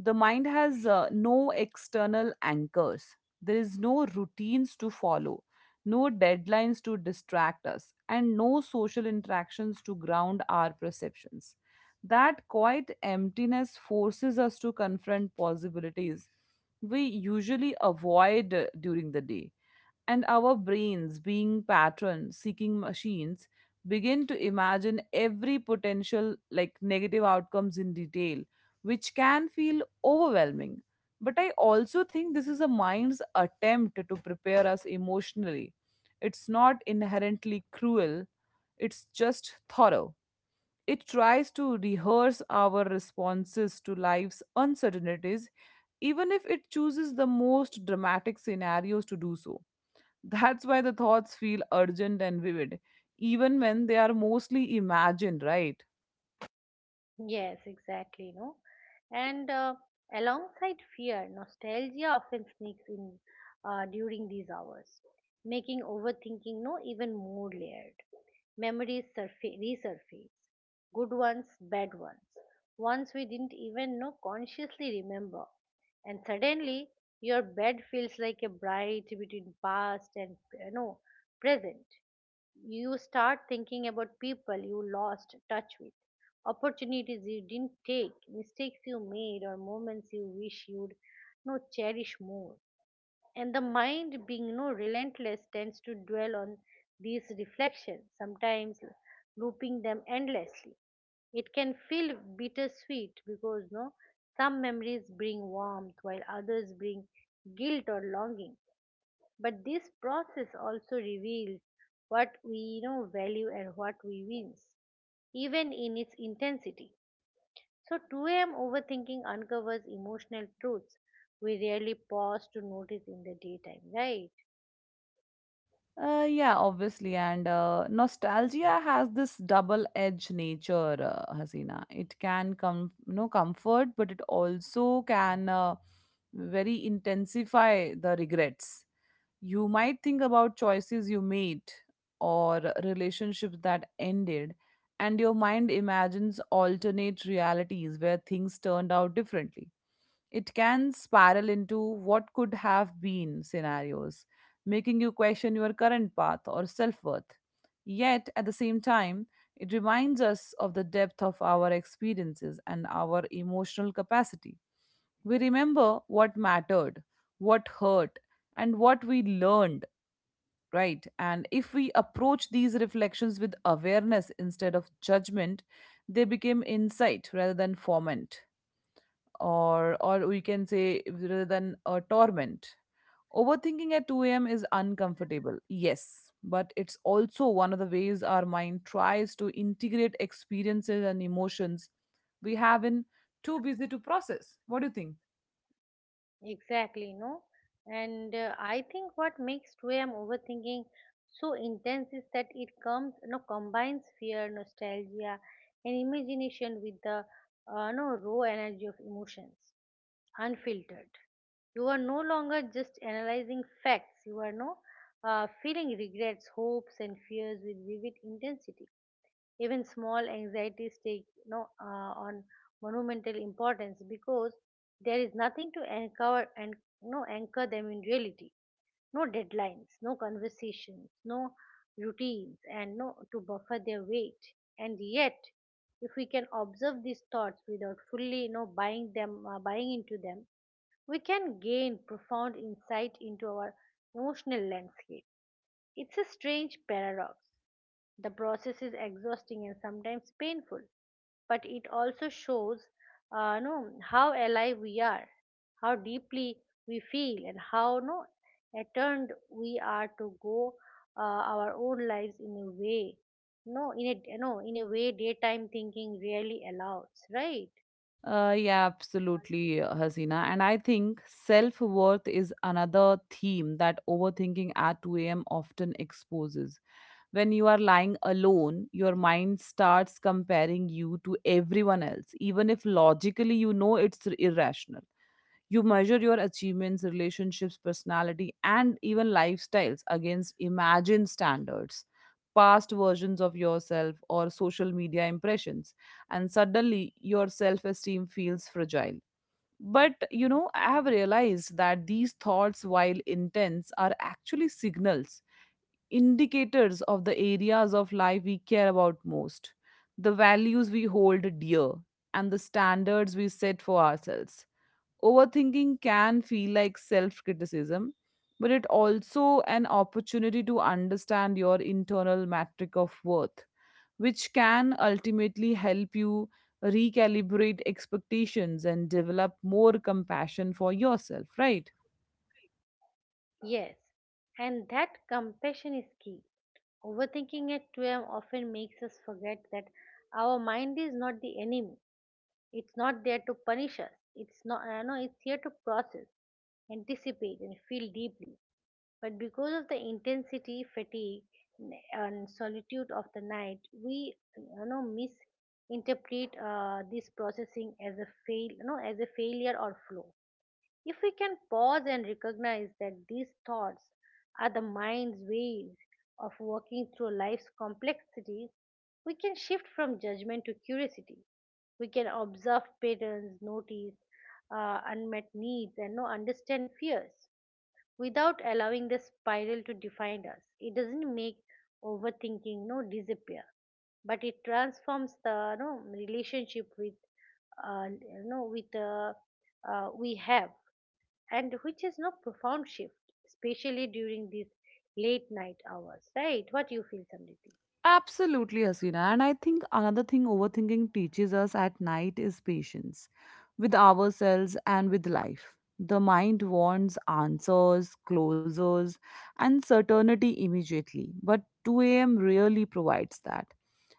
Speaker 2: the mind has no external anchors. There is no routines to follow, no deadlines to distract us, and no social interactions to ground our perceptions. That quiet emptiness forces us to confront possibilities we usually avoid during the day. And our brains, being pattern seeking machines, begin to imagine every potential like negative outcomes in detail, which can feel overwhelming. But I also think this is a mind's attempt to prepare us emotionally. It's not inherently cruel, it's just thorough. It tries to rehearse our responses to life's uncertainties, even if it chooses the most dramatic scenarios to do so. That's why the thoughts feel urgent and vivid, even when they are mostly imagined, right?
Speaker 1: Yes, exactly. No, and alongside fear, nostalgia often sneaks in during these hours, making overthinking no even more layered. Memories resurface. Good ones, bad ones. Ones we didn't even know consciously remember. And suddenly, your bed feels like a bright between past and present. You start thinking about people you lost touch with, opportunities you didn't take, mistakes you made, or moments you wish you'd no cherish more. And the mind, being relentless, tends to dwell on these reflections, sometimes looping them endlessly. It can feel bittersweet because no, some memories bring warmth while others bring guilt or longing. But this process also reveals what we value and what we wins, even in its intensity. So 2 a.m. overthinking uncovers emotional truths we rarely pause to notice in the daytime, right?
Speaker 2: Yeah, obviously. And nostalgia has this double-edged nature, Hasina. It can come, you know, comfort, but it also can very intensify the regrets. You might think about choices you made or relationships that ended, and your mind imagines alternate realities where things turned out differently. It can spiral into what could have been scenarios, making you question your current path or self worth. Yet, at the same time, it reminds us of the depth of our experiences and our emotional capacity. We remember what mattered, what hurt, and what we learned, right? And if we approach these reflections with awareness instead of judgment, they become insight rather than foment or we can say rather than a torment. Overthinking at 2 a.m. is uncomfortable, yes, but it's also one of the ways our mind tries to integrate experiences and emotions we have been too busy to process. What do you think?
Speaker 1: Exactly, no? And I think what makes 2 a.m. overthinking so intense is that it comes, no, combines fear, nostalgia, and imagination with the no, raw energy of emotions, unfiltered. You are no longer just analyzing facts, you are no feeling regrets, hopes, and fears with vivid intensity. Even small anxieties take no, on monumental importance because there is nothing to anchor and no anchor them in reality. No deadlines, no conversations, no routines, and no to buffer their weight. And yet, if we can observe these thoughts without fully buying into them, we can gain profound insight into our emotional landscape. It's a strange paradox. The process is exhausting and sometimes painful, but it also shows no, how alive we are, how deeply we feel, and how no, attuned we are to go uh, our own lives in a way. No, in a way daytime thinking really allows, right?
Speaker 2: Yeah, absolutely, Hasina. And I think self worth is another theme that overthinking at 2 a.m. often exposes. When you are lying alone, your mind starts comparing you to everyone else, even if logically you know it's irrational. You measure your achievements, relationships, personality, and even lifestyles against imagined standards, past versions of yourself, or social media impressions. And suddenly, your self esteem feels fragile. But you know, I have realized that these thoughts, while intense, are actually signals, indicators of the areas of life we care about most, the values we hold dear, and the standards we set for ourselves. Overthinking can feel like self criticism, but it also an opportunity to understand your internal metric of worth, which can ultimately help you recalibrate expectations and develop more compassion for yourself, right?
Speaker 1: Yes, and that compassion is key. Overthinking at 2 a.m. often makes us forget that our mind is not the enemy. It's not there to punish us. It's not, no, it's here to process, anticipate, and feel deeply. But because of the intensity, fatigue, and solitude of the night, we, misinterpret this processing as a as a failure or flaw. If we can pause and recognize that these thoughts are the mind's ways of working through life's complexities, we can shift from judgment to curiosity. We can observe patterns, notice unmet needs, and no understand fears without allowing the spiral to define us. It doesn't make overthinking no disappear, but it transforms the no relationship with you know with we have, and which is no profound shift, especially during these late night hours, right? What you feel, Samriti?
Speaker 2: Absolutely, Hasina. And I think another thing overthinking teaches us at night is patience with ourselves and with life. The mind wants answers, closures, and certainty immediately, but 2 a.m. really provides that.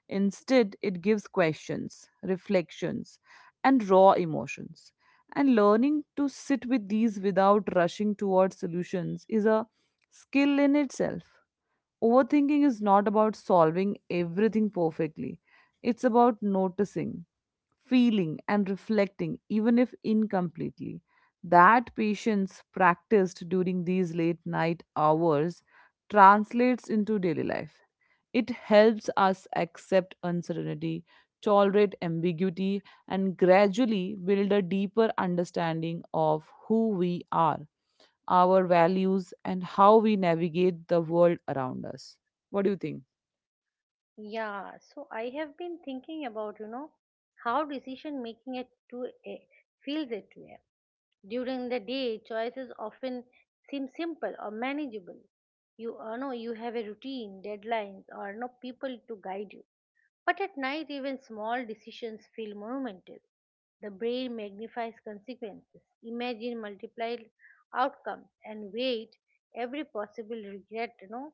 Speaker 2: Instead, it gives questions, reflections, and raw emotions. And learning to sit with these without rushing towards solutions is a skill in itself. Overthinking is not about solving everything perfectly, it's about noticing, feeling, and reflecting, even if incompletely. That patience practiced during these late night hours translates into daily life. It helps us accept uncertainty, tolerate ambiguity, and gradually build a deeper understanding of who we are, our values, and how we navigate the world around us. What do you think?
Speaker 1: Yeah, so I have been thinking about, how decision making at 2 a.m. feels at 2 a.m. During the day, choices often seem simple or manageable. You have a routine, deadlines, or no people to guide you. But at night, even small decisions feel monumental. The brain magnifies consequences, imagine multiplied outcomes, and weight every possible regret. You know,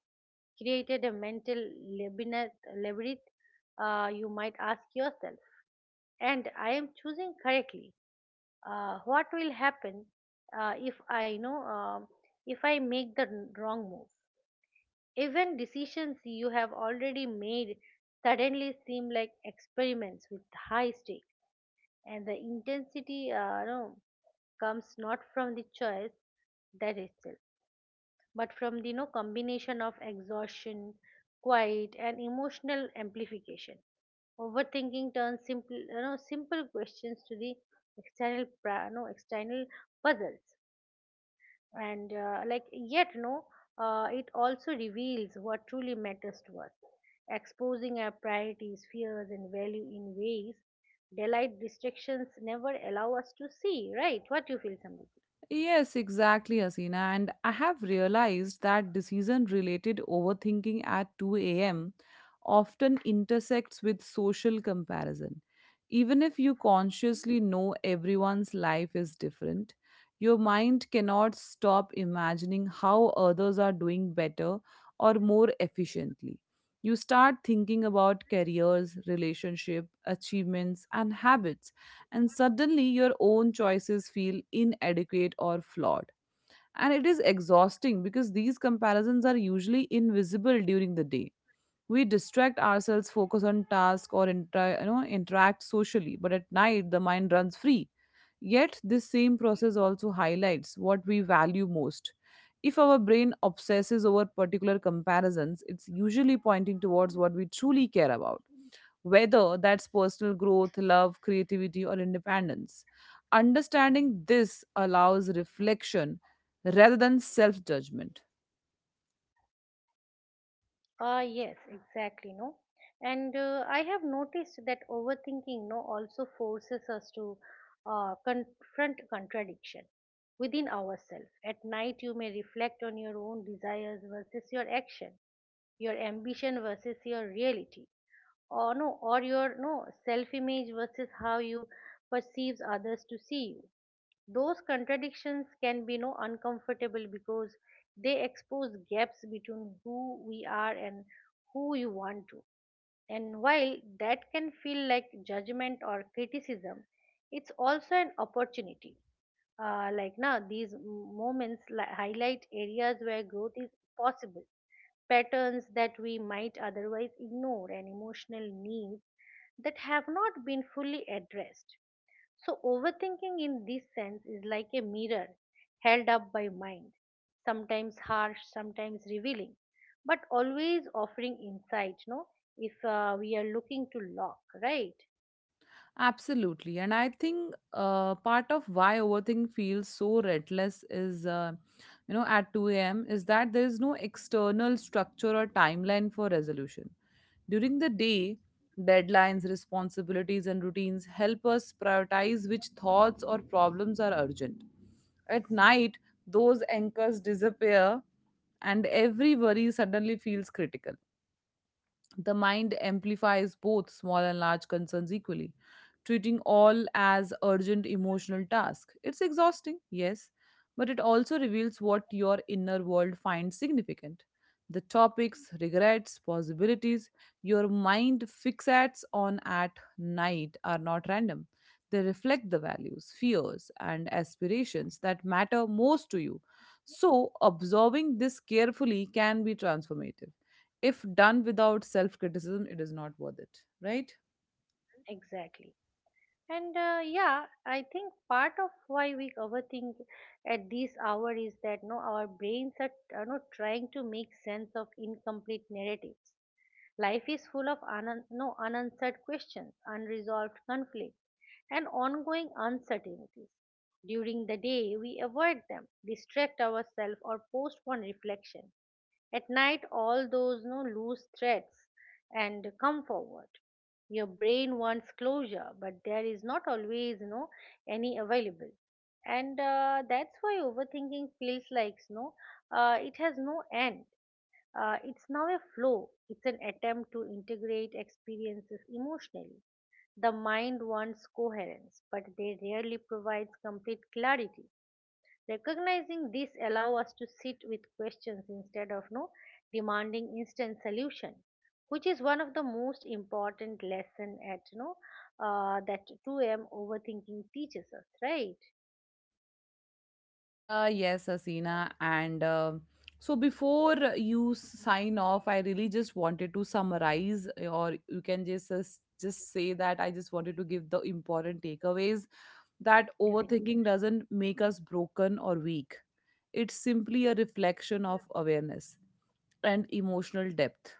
Speaker 1: created a mental labyrinth. You might ask yourself and I am choosing correctly. What will happen if I know if I make the wrong move? Even decisions you have already made suddenly seem like experiments with high stakes, and the intensity no, comes not from the choice that itself but from the combination of exhaustion, quiet, and emotional amplification. Overthinking turns simple questions to the external, pra- you external puzzles, and like yet, no, it also reveals what truly matters to us, exposing our priorities, fears, and value in ways daylight distractions never allow us to see. Right? What do you feel, Samrit?
Speaker 2: Yes, exactly, Asina. And I have realized that decision related overthinking at 2 a.m. often intersects with social comparison. Even if you consciously know everyone's life is different, your mind cannot stop imagining how others are doing better or more efficiently. You start thinking about careers, relationship, achievements, and habits, and suddenly your own choices feel inadequate or flawed. And it is exhausting because these comparisons are usually invisible during the day. We distract ourselves, focus on tasks, or you know, interact socially, but at night the mind runs free. Yet, this same process also highlights what we value most. If our brain obsesses over particular comparisons, it's usually pointing towards what we truly care about, whether that's personal growth, love, creativity, or independence. Understanding this allows reflection rather than self judgment.
Speaker 1: Ah, yes, exactly, no. And I have noticed that overthinking, no, also forces us to confront contradiction within ourselves. At night, you may reflect on your own desires versus your action, your ambition versus your reality, or your no self-image versus how you perceives others to see you. Those contradictions can be no uncomfortable because they expose gaps between who we are and who you want to, and while that can feel like judgment or criticism, it's also an opportunity. Like now these moments highlight areas where growth is possible, patterns that we might otherwise ignore, and emotional needs that have not been fully addressed. So, overthinking in this sense is like a mirror held up by mind, sometimes harsh, sometimes revealing, but always offering insight, no? If we are looking to lock, right?
Speaker 2: Absolutely. And I think part of why overthinking feels so relentless at 2 a.m. is that there is no external structure or timeline for resolution. During the day, deadlines, responsibilities, and routines help us prioritize which thoughts or problems are urgent. At night, those anchors disappear and every worry suddenly feels critical. The mind amplifies both small and large concerns equally, treating all as urgent emotional tasks. It's exhausting, yes, but it also reveals what your inner world finds significant. The topics, regrets, possibilities your mind fixates on at night are not random. They reflect the values, fears, and aspirations that matter most to you. So, observing this carefully can be transformative. If done without self criticism, it is not worth it, right?
Speaker 1: Exactly. And yeah, I think part of why we overthink at this hour is that no, our brains are not trying to make sense of incomplete narratives. Life is full of no unanswered questions, unresolved conflict, and ongoing uncertainties. During the day, we avoid them, distract ourselves, or postpone reflection. At night, all those no loose threads and come forward. Your brain wants closure, but there is not always no any available, and that's why overthinking feels like no, it has no end. It's now a flow. It's an attempt to integrate experiences emotionally. The mind wants coherence, but they rarely provides complete clarity. Recognizing this allow us to sit with questions instead of no demanding instant solution, which is one of the most important lesson at no that 2 a.m. overthinking teaches us, right?
Speaker 2: Yes, Asina. And so before you sign off, I really just wanted to summarize, or you can just just say that I just wanted to give the important takeaways that
Speaker 1: Definitely.
Speaker 2: overthinking doesn't make us broken or weak. It's simply a reflection of awareness and emotional depth.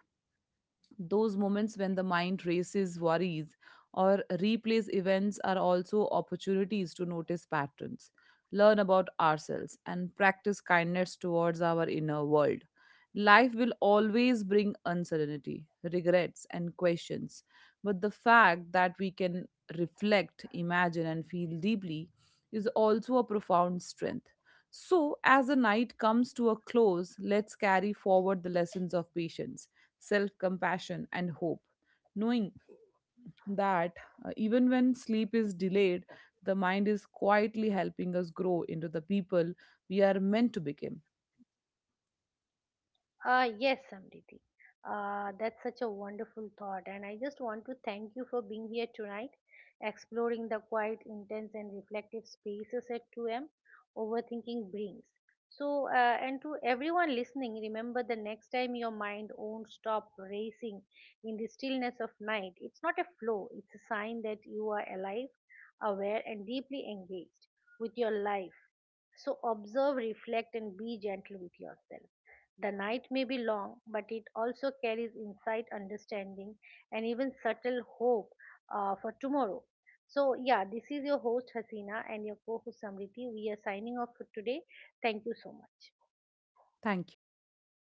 Speaker 2: Those moments when the mind races, worries, or replays events are also opportunities to notice patterns, learn about ourselves, and practice kindness towards our inner world. Life will always bring uncertainty, regrets, and questions, but the fact that we can reflect, imagine, and feel deeply is also a profound strength. So, as the night comes to a close, let's carry forward the lessons of patience, self compassion, and hope, knowing that, even when sleep is delayed, the mind is quietly helping us grow into the people we are meant to become.
Speaker 1: Yes, Samriti. That's such a wonderful thought, and I just want to thank you for being here tonight, exploring the quiet, intense, and reflective spaces at 2 a.m. overthinking brings. So, and to everyone listening, remember the next time your mind won't stop racing in the stillness of night, it's not a flow, it's a sign that you are alive, aware, and deeply engaged with your life. So, observe, reflect, and be gentle with yourself. The night may be long, but it also carries insight, understanding, and even subtle hope for tomorrow. So, yeah, this is your host Hasina and your co host Samriti. We are signing off for today. Thank you so much.
Speaker 2: Thank you.